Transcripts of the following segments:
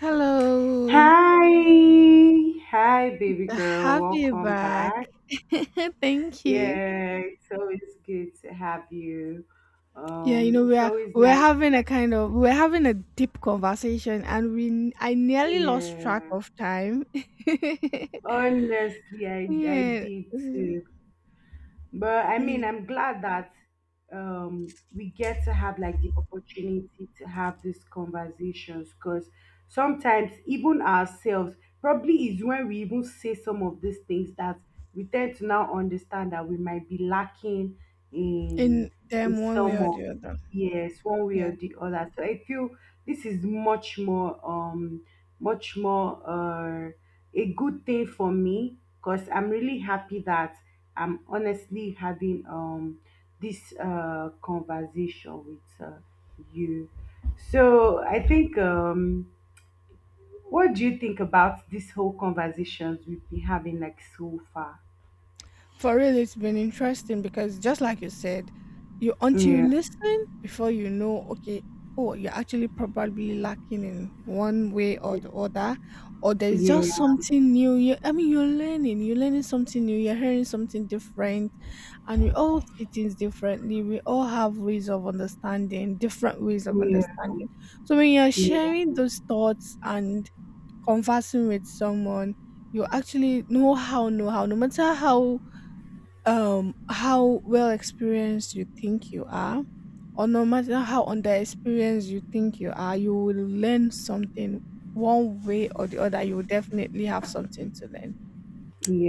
Hello, Hi, hi, baby to girl. have you Welcome back. back. Thank you. Yeah, it's always good to have you. Yeah, you know we It's are always we're nice to having a like, kind of we're having a deep conversation, and we I nearly lost track yeah. of time. Honestly, I yeah, did this is- too. But I mean, mm, I'm glad that we get to have like the opportunity to have these conversations because sometimes even ourselves probably is when we even say some of these things that we tend to now understand that we might be lacking in in in them one way some or of the other. yes, one way or Yeah. the other. So I feel this is much more much more a good thing for me because I'm really happy that I'm honestly having this conversation with you. So I think what do you think about this whole conversations we've been having like so far? For real, it's been interesting because just like you said, you until you Yeah, listen before you know, okay, oh, you're actually probably lacking in one way or the other, or there's yeah, just something new. I mean, you're learning something new, you're hearing something different, and we all see things differently. We all have ways of understanding, different ways of yeah, understanding. So when you're yeah, sharing those thoughts and conversing with someone, you actually know how, no matter how well experienced you think you are, or no matter how under experienced you think you are, you will learn something one way or the other. You will definitely have something to learn.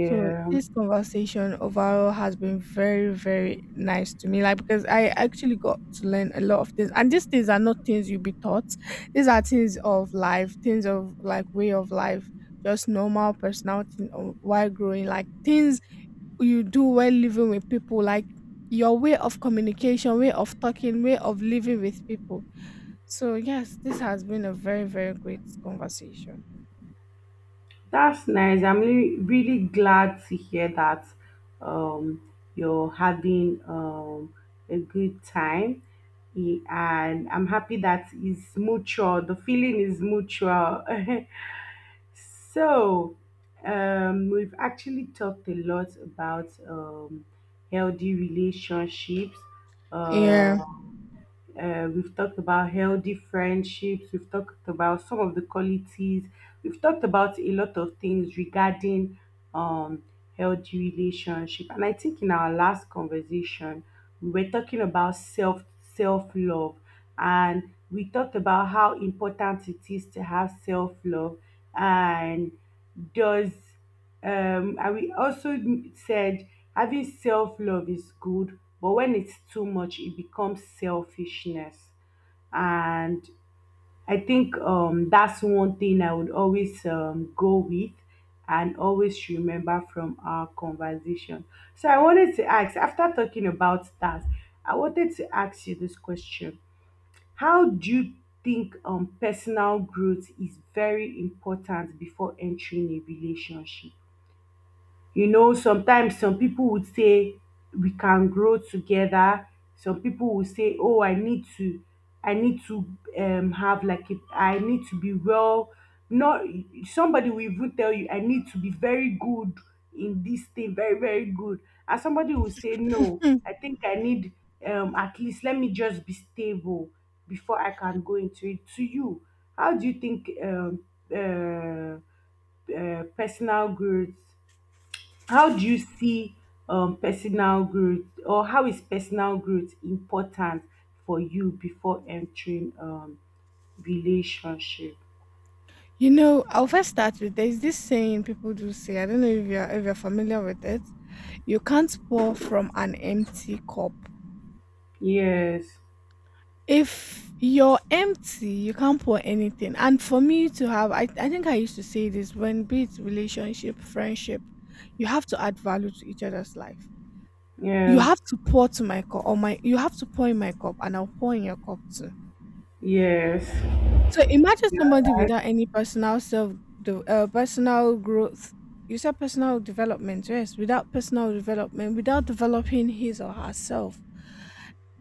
So this conversation overall has been very, very nice to me, like because I actually got to learn a lot of things, and these things are not things you'll be taught. These are things of life, things of like way of life, just normal personality or while growing, like things you do when living with people, like your way of communication, way of talking, way of living with people. So yes, this has been a very, very great conversation. That's nice. I'm really glad to hear that um, you're having a good time. And I'm happy that it's mutual. The feeling is mutual. So, we've actually talked a lot about healthy relationships, uh, Yeah, we've talked about healthy friendships. We've talked about some of the qualities. We've talked about a lot of things regarding um, healthy relationship. And I think in our last conversation, we were talking about self love, and we talked about how important it is to have self love and does and we also said having self love is good, but when it's too much, it becomes selfishness. And I think that's one thing I would always go with and always remember from our conversation. So I wanted to ask, after talking about that, I wanted to ask you this question. How do you think personal growth is very important before entering a relationship? You know, sometimes some people would say we can grow together. Some people will say, "Oh, I need to have like I need to be well." Not somebody will even tell you, "I need to be very good in this thing, very very good," and somebody will say, "No, I think I need at least let me just be stable before I can go into it." To you, how do you think uh, personal growth, how do you see personal growth, or how is personal growth important for you before entering relationship? you know, I'll first start with there's this saying people do say, I don't know if you're familiar with it. You can't pour from an empty cup. Yes, If you're empty, you can't pour anything. And for me to have, I think I used to say this, when be it relationship, friendship, you have to add value to each other's life. You yes, have to pour to my cup, or my you have to pour in my cup, and I'll pour in your cup too. yes, So imagine somebody I- without any personal self, the personal growth. You said personal development, yes. Without personal development, without developing his or herself,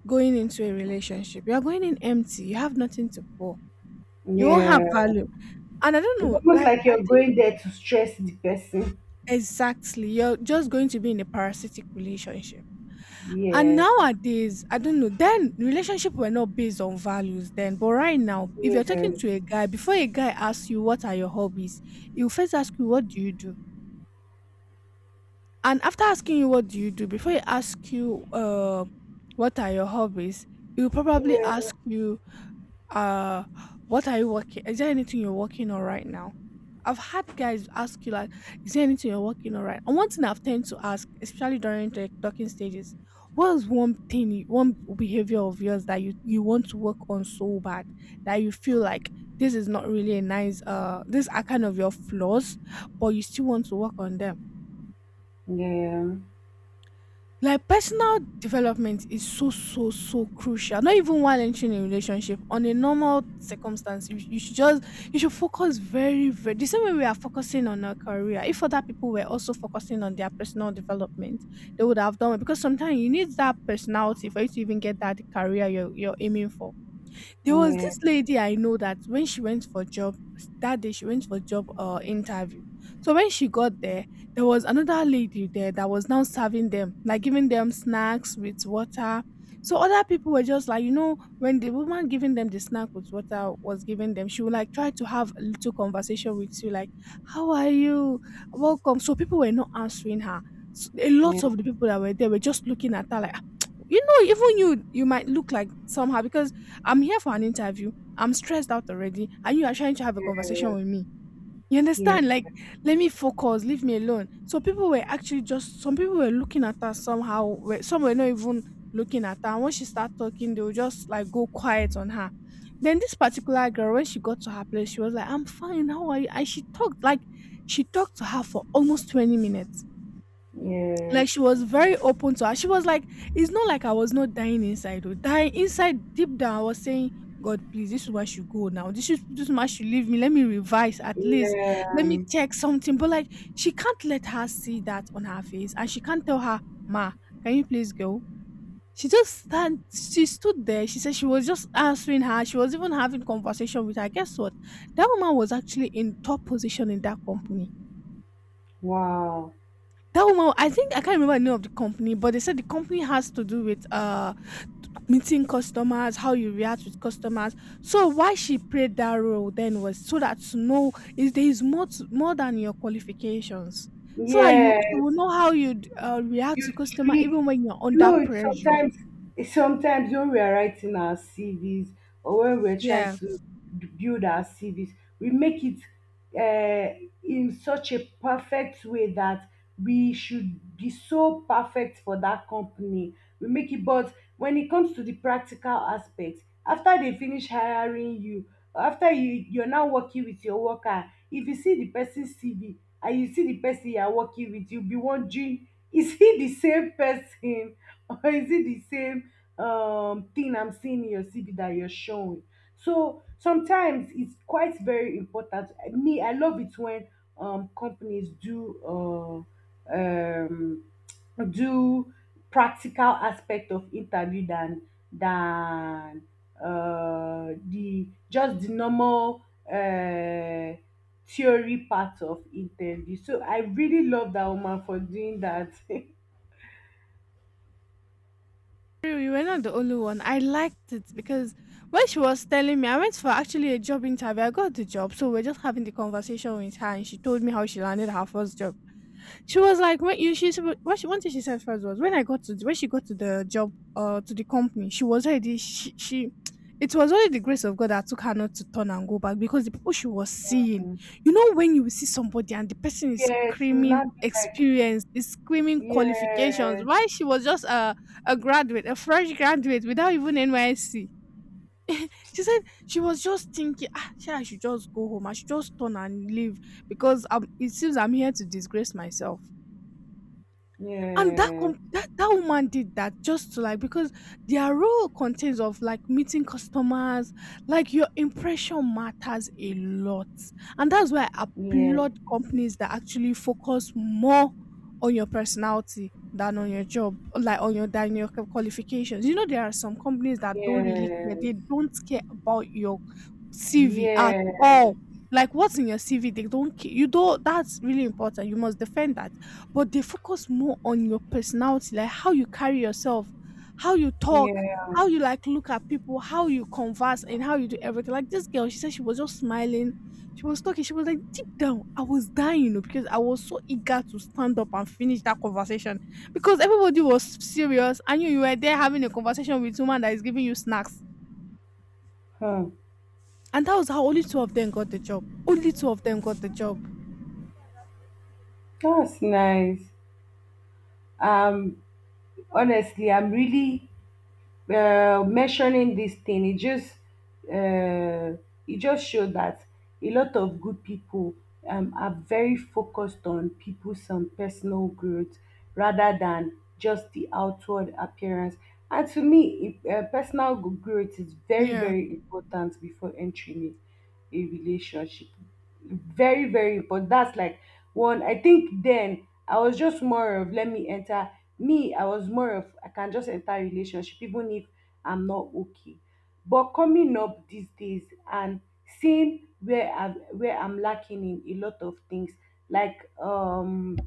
going into a relationship, you are going in empty. You have nothing to pour. You won't have yeah. value. And I don't It's know, almost like like I you're think going there to stress the person. exactly you're just going to be in a parasitic relationship. And Yes, nowadays, I don't know, then relationship were not based on values then. But right now, if yes, you're yeah, talking to a guy, before a guy asks you what are your hobbies, he'll first ask you, what do you do? And after asking you what do you do, before he asks you what are your hobbies, he'll probably yeah, ask you uh what are you working, is there anything you're working on right now? I've had guys ask you like, is there anything you're working on right? And one thing I've tend to ask, especially during the talking stages, what is one thing one behavior of yours that you want to work on so bad, that you feel like this is not really a nice these are kind of your flaws, but you still want to work on them. yeah, Like personal development is so, so, so crucial. Not even while entering a relationship, on a normal circumstance, you should just you should focus very, very the same way we are focusing on our career. If other people were also focusing on their personal development, they would have done it, because sometimes you need that personality for you to even get that career you're aiming for. There was this lady I know that when she went for job that day, she went for job interview. So when she got there, there was another lady there that was now serving them, like giving them snacks with water. So other people were just like, you know, when the woman giving them the snack with water was giving them, she would like try to have a little conversation with you, like, how are you? Welcome. So people were not answering her. So a yeah, lot of the people that were there were just looking at her like, "Ah, you know, even you might look like somehow because I'm here for an interview. I'm stressed out already. And you are trying to have a conversation with me. You yeah, understand? Like, let me focus, leave me alone." So people were actually just some people were looking at her somehow. Some were not even looking at her. And when she started talking, they would just like go quiet on her. Then this particular girl, when she got to her place, she was like, "I'm fine, how are you?" And she talked to her for almost 20 minutes, yes, like she was very open to her. She was like, it's not like I was not dying inside. Or dying inside deep down, I was saying, God, please, this woman should go now. This woman should leave me. Let me revise at least. Let yeah. me check something. But like she can't let her see that on her face. And she can't tell her, Ma, can you please go? She just stand she stood there. She said she was just answering her. She was even having conversation with her. Guess what? That woman was actually in top position in that company. Wow. That woman, I think I can't remember the name of the company, but they said the company has to do with meeting customers, how you react with customers. So why she played that role then was so that to know is there is more more than your qualifications, so that you will Yes, know how you react you to customer treat. even when you're You under know, pressure. sometimes when we are writing our CVs or when we're trying Yeah. to build our CVs, we make it uh, in such a perfect way that we should be so perfect for that company. We make it, but when it comes to the practical aspects, after they finish hiring you, or after you're now working with your worker, if you see the person's CV and you see the person you are working with, you'll be wondering is he the same person or is it the same thing I'm seeing in your CV that you're showing? So sometimes it's quite very important. Me, I love it when companies do uh, um, do practical aspect of interview than than the just the normal uh, theory part of interview. So I really love that woman for doing that. True, you were not the only one. I liked it because when she was telling me, I went for actually a job interview. I got the job, so we're just having the conversation with her, and she told me how she landed her first job. She was like, "When what she one thing she said first was when I got to when she got to the job to the company, she was already she it was only the grace of God that took her not to turn and go back, because the people she was seeing, you know, when you see somebody and the person is Yes, you will screaming not be like, experience, is screaming qualifications, yes, why she was just a graduate, a fresh graduate without even NYSC. She said she was just thinking, ah, sure, I should just go home. I should just turn and leave because it seems I'm here to disgrace myself. And that yes, that woman did that just to like because their role contains of like meeting customers, like your impression matters a lot. And that's why I yes, applaud companies that actually focus more on your personality than on your job, like on your than your qualifications. You know, there are some companies that don't really care, yes, they don't care about your CV at yes, all, like what's in your CV they don't care. You don't, that's really important, you must defend that. But they focus more on your personality, like how you carry yourself, how you talk, yeah. how you like look at people, how you converse, and how you do everything. Like this girl, she said she was just smiling, she was talking, she was like deep down, I was dying, you know, because I was so eager to stand up and finish that conversation, because everybody was serious. I knew you were there having a conversation with someone that is giving you snacks, Hmm. and that was how only two of them got the job. Only two of them got the job. That's nice. Um, honestly, I'm really mentioning this thing uh, it just showed that a lot of good people are very focused on people's personal growth rather than just the outward appearance, and to me personal growth is very Yeah, very important before entering a relationship, very very important. That's like one. I think then I was just more of let me enter. Me, I was more of I can just enter a relationship even if I'm not okay. But coming up these days and seeing where I'm lacking in a lot of things, like um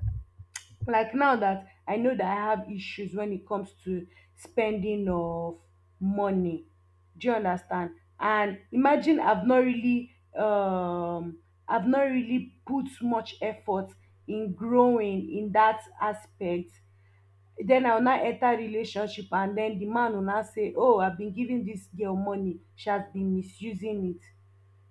like now that I know that I have issues when it comes to spending of money. Do you understand? And imagine I've not really put much effort in growing in that aspect. Den I will now enter relationship and den the man will now say, oh, I been giving dis girl money, she has been misusing it.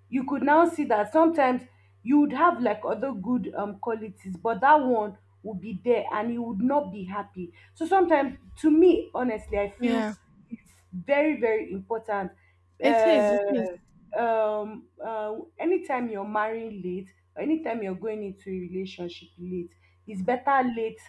You could now see that sometimes you would have like other good qualities, but that one would be there and you would not be happy. So sometimes to me, honestly, I feel yeah, it's very, very important. it is, it is. Uh anytime you're marrying late, or anytime you're going into a relationship late, it's better late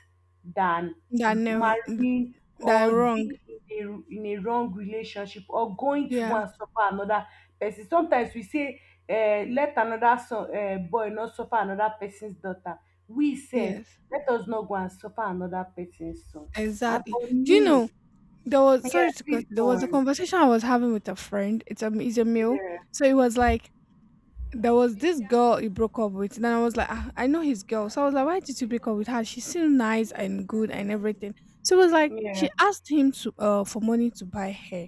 than That never, marrying that I'm or wrong. being in a wrong relationship, or going to Yeah, one and suffer another person. Sometimes we say, let another son boy no suffer another person's daughter, we sef yes, let us not go and suffer another person's son, and exactly. for Do you me, know there was yeah, sorry to cut please go there was a on, conversation I was having with a friend. It's a he's a male. yeah, So it was like there was this girl he broke up with. And then I was like, ah, I know his girl. So I was like, why did you break up with her? She's still nice and good and everything. So it was like yeah, she asked him to for money to buy hair.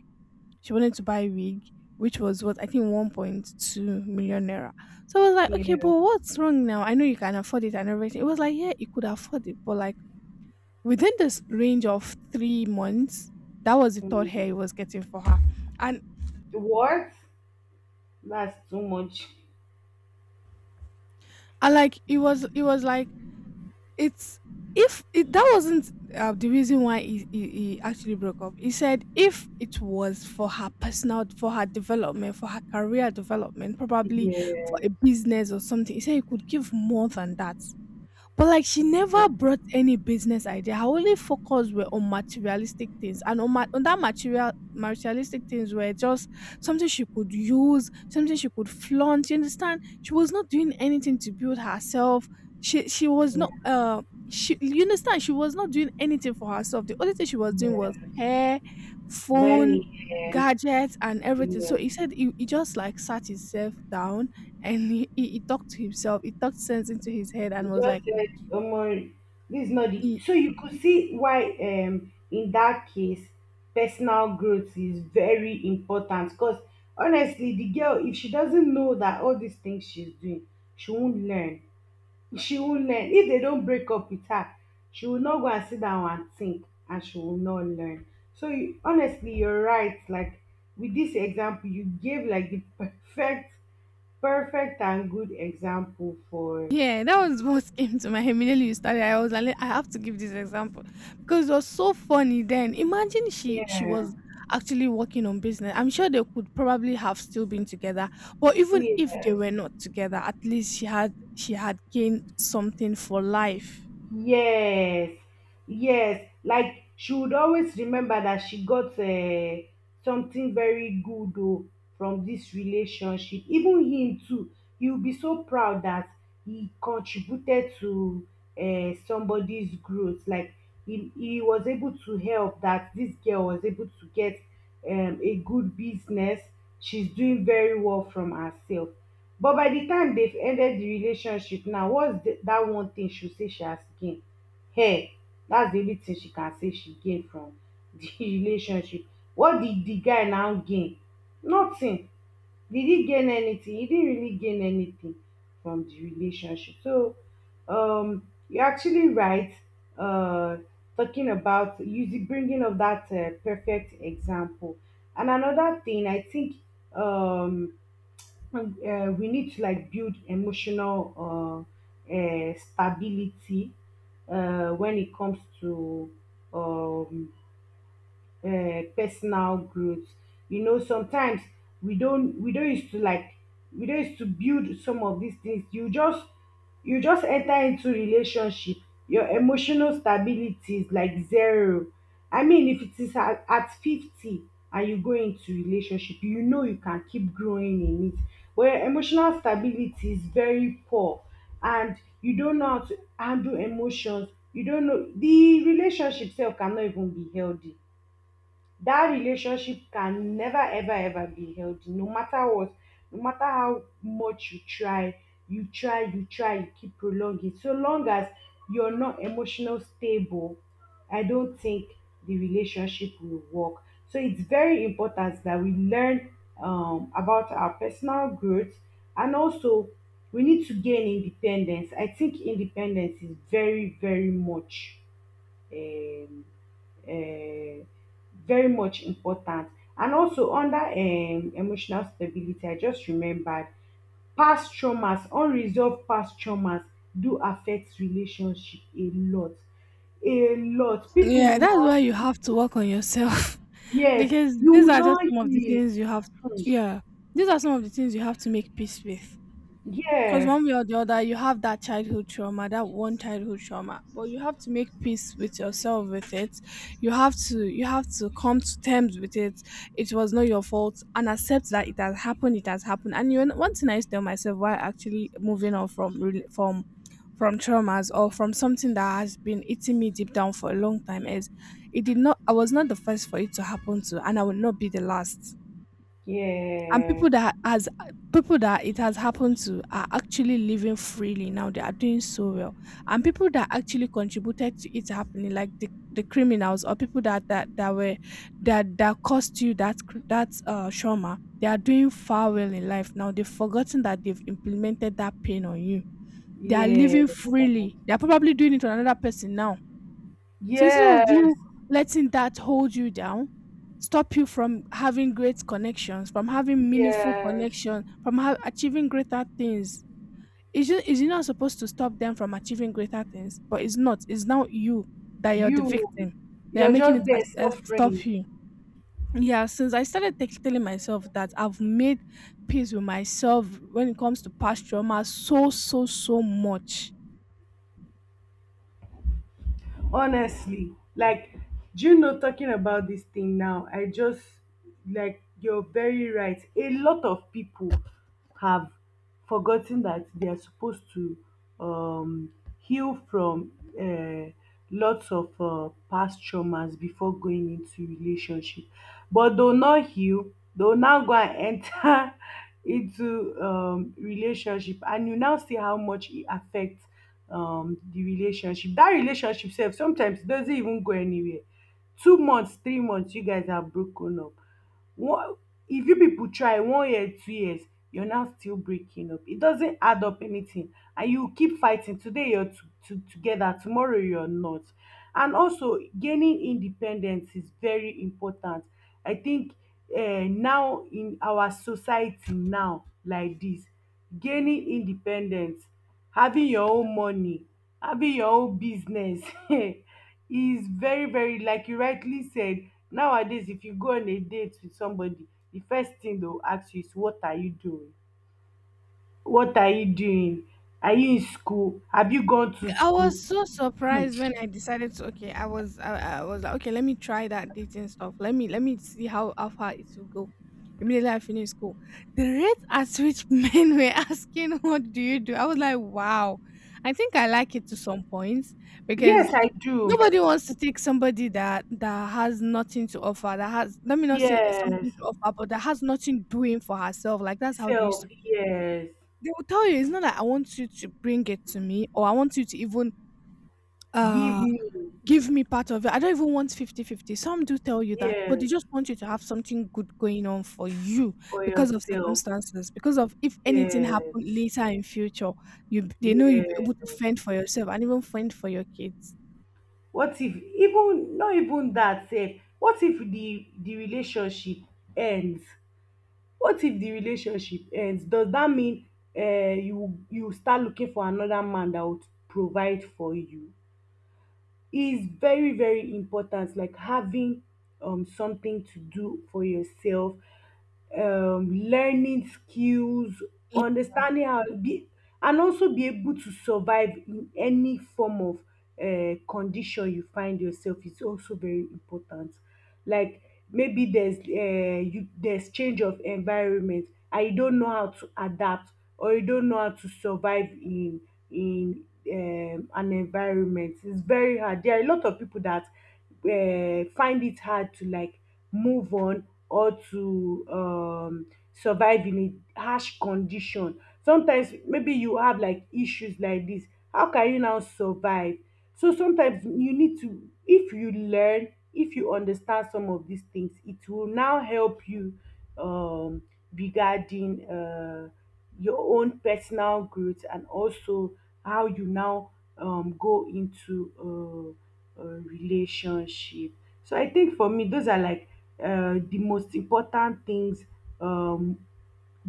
She wanted to buy wig, which was what I think 1.2 million naira. So I was like, okay, but yeah, what's wrong now? I know you can afford it and everything. It was like, yeah, you could afford it, but like within this range of 3 months, that was the third hair he mm. was getting for her, and What, that's too much. I like it was like it's if it, that wasn't the reason why he actually broke up. He said if it was for her career development, probably Yeah, for a business or something, he said he could give more than that. But, like, she yeah, never brought any business idea. Her only focus were on materialistic things, and on that materialistic things were just something she could use, something she could flaunt. You understand? She was not doing anything to build herself. She was yeah, not, she you understand, she was not doing anything for herself. The only thing she was doing was yeah. hair, Buy me, phone, yeah, gadgets, and everything. So yeah. he said, he just like sat himself down and he talked to himself. He talked sense into his head You and was like. just said, um, this is not the. Y- So you could see why, in that case, personal growth is very important. Because honestly, the girl, if she doesn't know that all these things she's doing, she won't learn. She won't learn. If they don't break up with her, she will not go and sit down and think, and she will not learn. So you, honestly, you're right. Like with this example, you gave like the perfect, perfect and good example for, Yeah, that was what came to my head immediately you started. I was like, I have to give this example because it was so funny then. Imagine she yeah, was actually working on business. I'm sure they could probably have still been together, but even if yeah. they were not together, at least she had gained something for life. Yes, yes. Like she would always remember that she got something very good oh, from this relationship. Even him too, he will be so proud that he contributed to somebody's growth. Like he was able to help that this girl was able to get a good business. She's doing very well from herself, but by the time they've ended the relationship now, whats the, that one thing she say she has gained. Hey, that's the only thing she can say she gained from the relationship. What did the guy now gain? Nothing. Did he gain anything? He didn't really gain anything from the relationship. So you're actually right, uh talking about using bringing up that perfect example. And another thing I think um and, we need to like build emotional stability when it comes to um, personal growth. You know, sometimes we don't used to like, we don't used to build some of these things. You just, you just enter into relationship, your emotional stability is like zero. I mean, if it is at 50 and you go into relationship, you know, you can keep growing in it, but your emotional stability is very poor, and you don't know how to handle emotions. You don't know, the relationship itself cannot even be healthy. That relationship can never ever ever be healthy no matter what, no matter how much you try. You try, you try, you keep prolonging. So long as you're not emotional stable, I don't think the relationship will work. So it's very important that we learn about our personal growth. And also, we need to gain independence. I think independence is very very much um, um very much important. And also under emotional stability, I just remembered past traumas, unresolved past traumas do affect relationship a lot, a lot. Pipu Yeah, will that's no, why you have to work on yourself yes, because you these will are no just some of the heal, things you have. um Yeah, these are some of the things you have to make peace with. Because yes, one way or the other, you have that childhood trauma, that one childhood trauma, but you have to make peace with yourself with it. You have to come to terms with it. It was not your fault, and accept that it has happened. It has happened. And, you know, one thing I used to tell myself while actually moving on from from traumas or from something that has been eating me deep down for a long time is, it did not. I was not the first for it to happen to, and I will not be the last. And yes, people that has people that it has happened to are actually living freely now. They are doing so well. And people that actually contributed to it happening, like the criminals or people that caused you that trauma, they are doing far well in life now. They've forgotten that they've implemented that pain on you. They are yes, living freely. They are probably doing it to another person now. So, instead of yes, you letting that hold you down, stop you from having great connections, from having meaningful yes, connection, from achieving greater things. It's just, it's not supposed to stop them from achieving greater things, but it's not. It's now you that you're the you victim. They are you're making just it as, there as stop suffering. you. Yeah, since I started telling myself that I've made peace with myself when it comes to past trauma so much. Honestly, like, do you know, talking about this thing now, I just, like, you're very right. A lot of people have forgotten that they are supposed to um heal from uh, lots of past traumas before going into relationship, but they'll not heal. They'll now go and enter into relationship, and you now see how much it affects the relationship. Dat relationship sef sometimes e doesn't even go anywhere. 2 months, 3 months you guys have broken up. One, if you pipu try 1 year, 2 years, you're now still breaking up. It doesn't add up anything and you keep fighting. Today you're to together, tomorrow you're not. And also gaining independence is very important. I think now in our society now like dis, gaining independence, having your own money, having your own business is very like you rightly said. Nowadays, if you go on a date with somebody, the first thing they will ask you is what are you doing? What are you doing? Are you in school? Have you gone to I school? was so surprised when I decided to. Okay, I was like, okay, let me try that dating stuff. Let me see how far it will go. Immediately I finished school. The rate at which men were asking, what do you do? I was like, wow. I think I like it to some points because Yes, I do. nobody wants to take somebody that has nothing to offer, that has, let me not say Yes, something to offer, but that has nothing doing for herself. Like, that's how they self. used to put it. Yes, They will tell you, it's not that I want you to bring it to me, or I want you to even, give uh, me. give me part of it. I don't even want 50-50. Some do tell you that, but Yes, they just want you to have something good going on for you for because of yourself. circumstances, because of if anything Yes. happened later in future, you they know you'll be Yes. able to fend for yourself and even fend for your kids. What if, even no, even that sef, what if the relationship ends? What if the relationship ends? Does that mean you start looking for another man that would provide for you? Is very very important, like having something to do for yourself, learning skills, Yeah. understanding how be, and also be able to survive in any form of condition you find yourself is also very important. Like, maybe there's you, there's change of environment and you don't know how to adapt, or you don't know how to survive in in an environment. It's very hard. There are a lot of people that find it hard to, like, move on or to survive in a harsh condition. Sometimes maybe you have like issues like this. How can you now survive? So sometimes you need to, if you learn, if you understand some of these things, it will now help you um, regarding your own personal growth and also how you now go into a relationship. So I think for me, those are like the most important things um,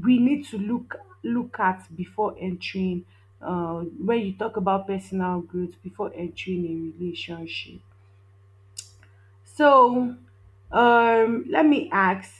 we need to look at before entering, when you talk about personal growth, before entering a relationship. So let me ask,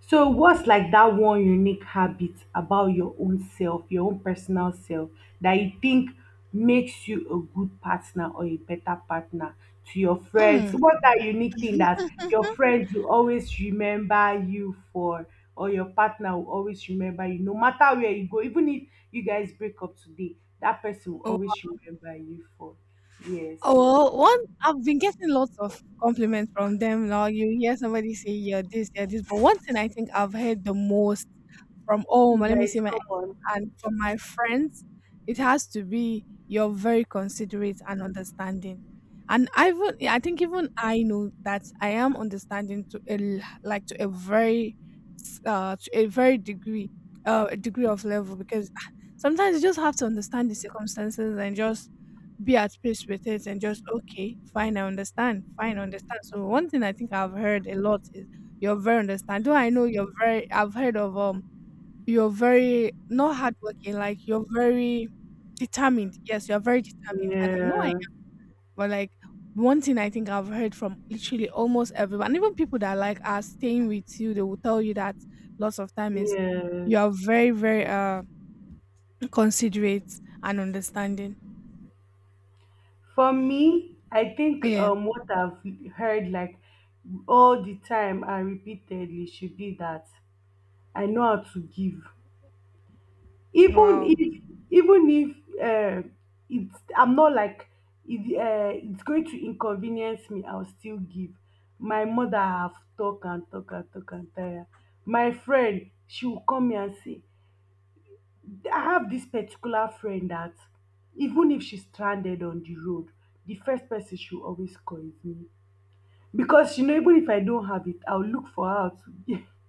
so what's like that one unique habit about your own self, your own personal self that you think makes you a good partner or a better partner to your friends? Mm. What's that unique thing that your friends will always remember you for, or your partner will always remember you, no matter where you go, even if you guys break up today, that person will always remember you for. Yes. Oh, well, one, I've been getting lots of compliments from them now. You hear somebody say, "Yeah, this, yeah, this." But one thing I think I've heard the most, from all my, let me say, Nice, my ex come on. and from my friends, it has to be, you're very considerate and understanding. And I, even I think, even I know that I am understanding to a l- like to a very s- to a very degree, a degree of level, because sometimes you just have to understand the circumstances and just be at peace with it and just okay, fine, I understand, so one thing I think I've heard a lot is, you're very understand, though I know you're very, I've heard of you're very, not, hardworking, like you're very determined. Yes, you're very determined, and I know I am. Yeah. But, like, one thing I think I've heard from literally almost everyone, even people that, like, are staying with you, they will tell you that lots of time is, Yes. you are very very considerate and understanding. For me, I think Yeah. What I've heard, like, all the time and repeatedly should be that I know how to give. Even Wow. if, even if, uh, it's I'm not like it, it's going to inconvenience me, I'll still give. My mother have talk and talk and talk and tire. My friend, she will come here and say, I have this particular friend that even if she's stranded on the road, the first person she will always call is me. Because you know, even if I don't have it, I'll look for how to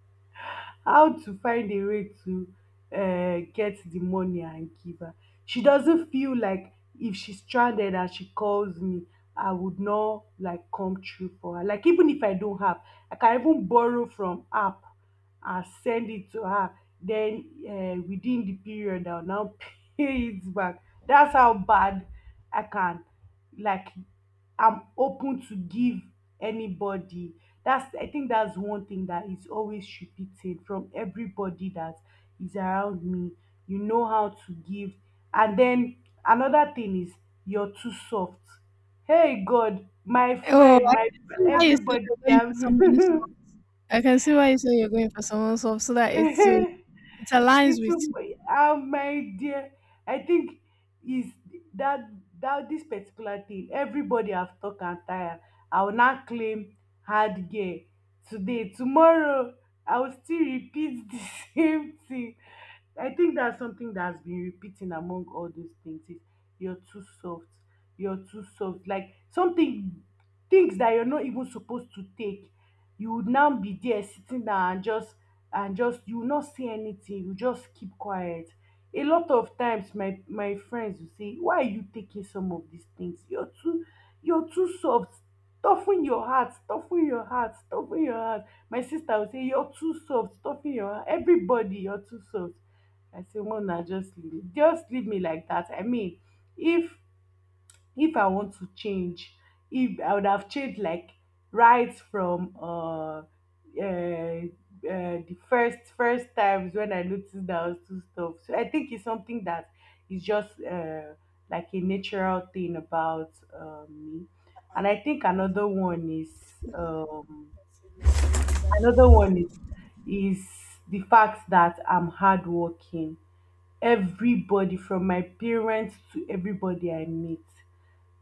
how to find a way to get the money and give her. She doesn't feel like if she's stranded and she calls me, I would not, like, come through for her. Like, even if I don't have, I can even borrow from app and send it to her, then within the period, I'll now pay it back. That's how bad I can, like, I'm open to give anybody. That's, I think that's one thing that is always repeated from everybody that is around me. You know how to give. And then another thing is you're too soft. Hey God, my Oh, friend, I my can see why you say everybody you're going that for someone soft. I can see why you say you're going for someone soft so that it's, it aligns with into you. how, my dear, I think is that that this particular thing everybody have talk and tire, I will now claim hard gear. Today, tomorrow, I will still repeat the same thing. I think that's something that's been repeating among all those things is you're too soft. You're too soft, like something, things that you're not even supposed to take, you would now be there sitting down and just, and just you will not say anything, you just keep quiet. A lot of times, my friends will say, why are you taking some of these things? You're too, you're too soft. Toughen your heart, toughen your heart, toughen your heart. My sister will say you're too soft, toughen your heart, everybody, you're too soft. I say, no na, just leave me. Just leave me like that. I mean, if if I want to change, if I would have changed, like, right from the first times when I noticed that I was too stuff. So I think it's something that is just like a natural thing about me. And I think another one is um, another one is the fact that I'm hardworking. Everybody, from my parents to everybody I meet,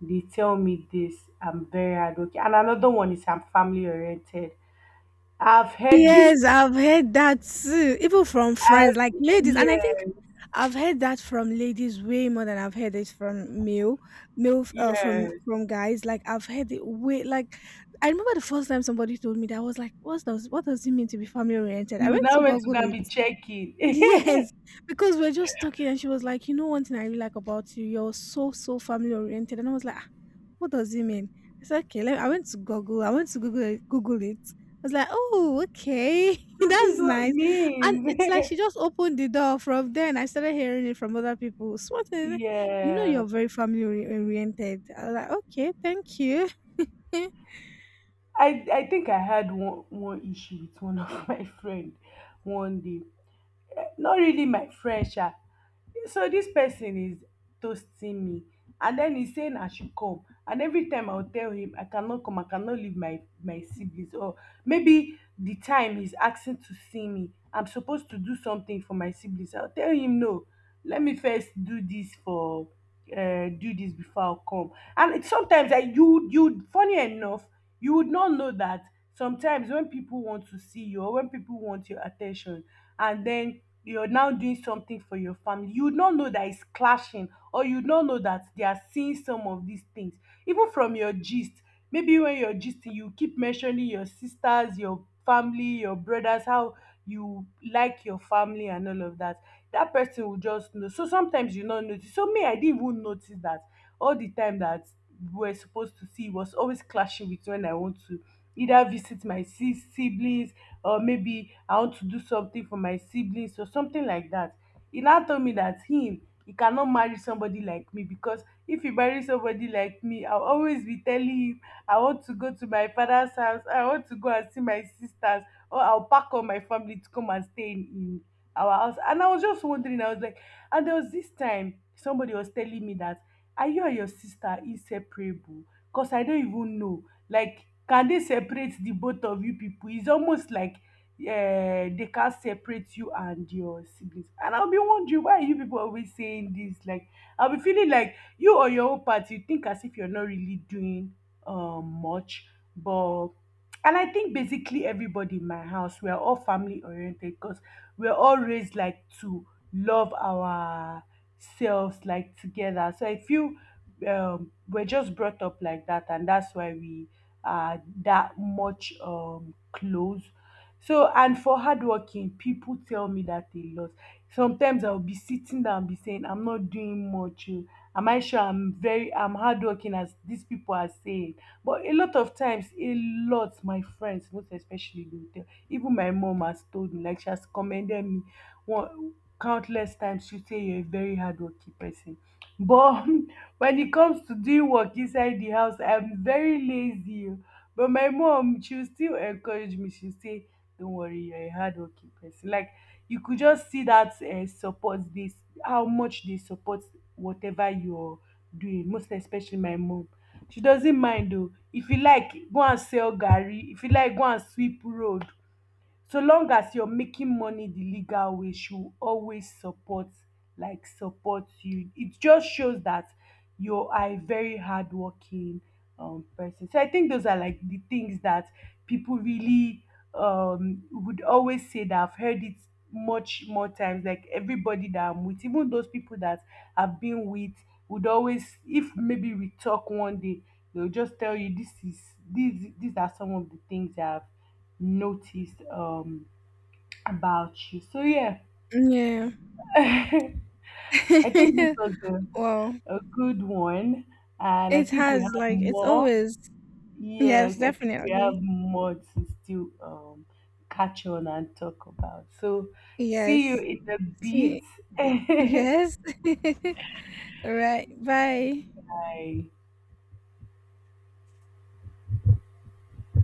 they tell me this. I'm very hardworking. And another one is I'm family oriented. I've heard this. Yes, I've heard that too, even from friends, like, I've, ladies. And I think yes. I've heard that from ladies way more than I've heard it from male, male f- uh, from Yes. from guys. Like, I've heard it way like, I remember the first time somebody told me that, I was like, what does it mean to be family oriented? I You went now to went to Google go and it. be checking. So Yes, because we're just talking, and she was like, "You know, one thing I really like about you, you're so family oriented." And I was like, ah, "What does it mean?" I said, "Okay." Let I went to Google. I went to Google it. I was like, "Oh, okay, this that's is what it nice." And means. it's like she just opened the door. From then, I started hearing it from other people. So what is it? You know, Yeah. you're very family oriented. I was like, "Okay, thank you." I think I had one issue with one of my friend one day, not really my friend sha. Yeah, so this person is toasting me, and then he's saying I should come. And every time I'll tell him I cannot come, I cannot leave my, my siblings. Or maybe the time he's asking to see me, I'm supposed to do something for my siblings. I'll tell him no, let me first do this for do this before I'll come. And it, sometimes I, you funny enough, you would not know that sometimes when people want to see you or when people want your attention, and then you're now doing something for your family, you would not know that it's clashing, or you would not know that they are seeing some of these things, even from your gist. Maybe when you're gisting, you keep mentioning your sisters, your family, your brothers, how you like your family and all of that, that person will just know. So sometimes you not notice. So me, I didn't even notice that all the time that we're supposed to see was always clashing with when I want to either visit my sis siblings, or maybe I want to do something for my siblings or something like that. He now told me that him, he cannot marry somebody like me, because if he marry somebody like me, I'll always be telling him I want to go to my father's house, I want to go and see my sisters, or I'll pack all my family to come and stay in our house. And I was just wondering, I was like, and there was this time somebody was telling me that, are you and your sister inseparable? Because I don't even know. Like, can they separate the both of you people? It's almost like, yeah, they can't separate you and your siblings. And I'll be wondering, why are you people always saying this? Like, I'll be feeling like you, or your own part, you think as if you're not really doing much, but, and I think basically everybody in my house, we are all family oriented, because we're all raised like to love ourselves, like, together. So I feel we're just brought up like that, and that's why we are that much close. So, and for hardworking, people tell me that a lot. Sometimes I'll be sitting down and be saying, I'm not doing much. Oh. Am I sure I'm very, I'm hardworking as these people are saying? But a lot of times, a lot, my friends, most especially, they will tell. Even my mom has told me, like she has commended me one countless times. She say, you're a very hardworking person. But when it comes to doing work inside the house, I'm very lazy. Oh. But my mom, she will still encourage me. She say, don't worry, you're a hardworking person. Like, you could just see that support this, how much they support whatever you're doing, most especially my mom. She doesn't mind though. If you like, go and sell Gary. If you like, go and sweep road. So long as you're making money the legal way, she will always support, like, support you. It just shows that you are a very hardworking person. So I think those are like the things that people really would always say. That I've heard it much more times, like everybody that I'm with, even those people that I've been with, would always, if maybe we talk one day, they'll just tell you this is, these are some of the things that I've noticed about you. So yeah. Yeah. I think this was Well, a good one, and I it think we has, have like, it's more. always. Yes, Yes, I think we have definitely. more to still catch on and talk about. So see you Yes. in a See, bit. yes. Alright, bye. Bye.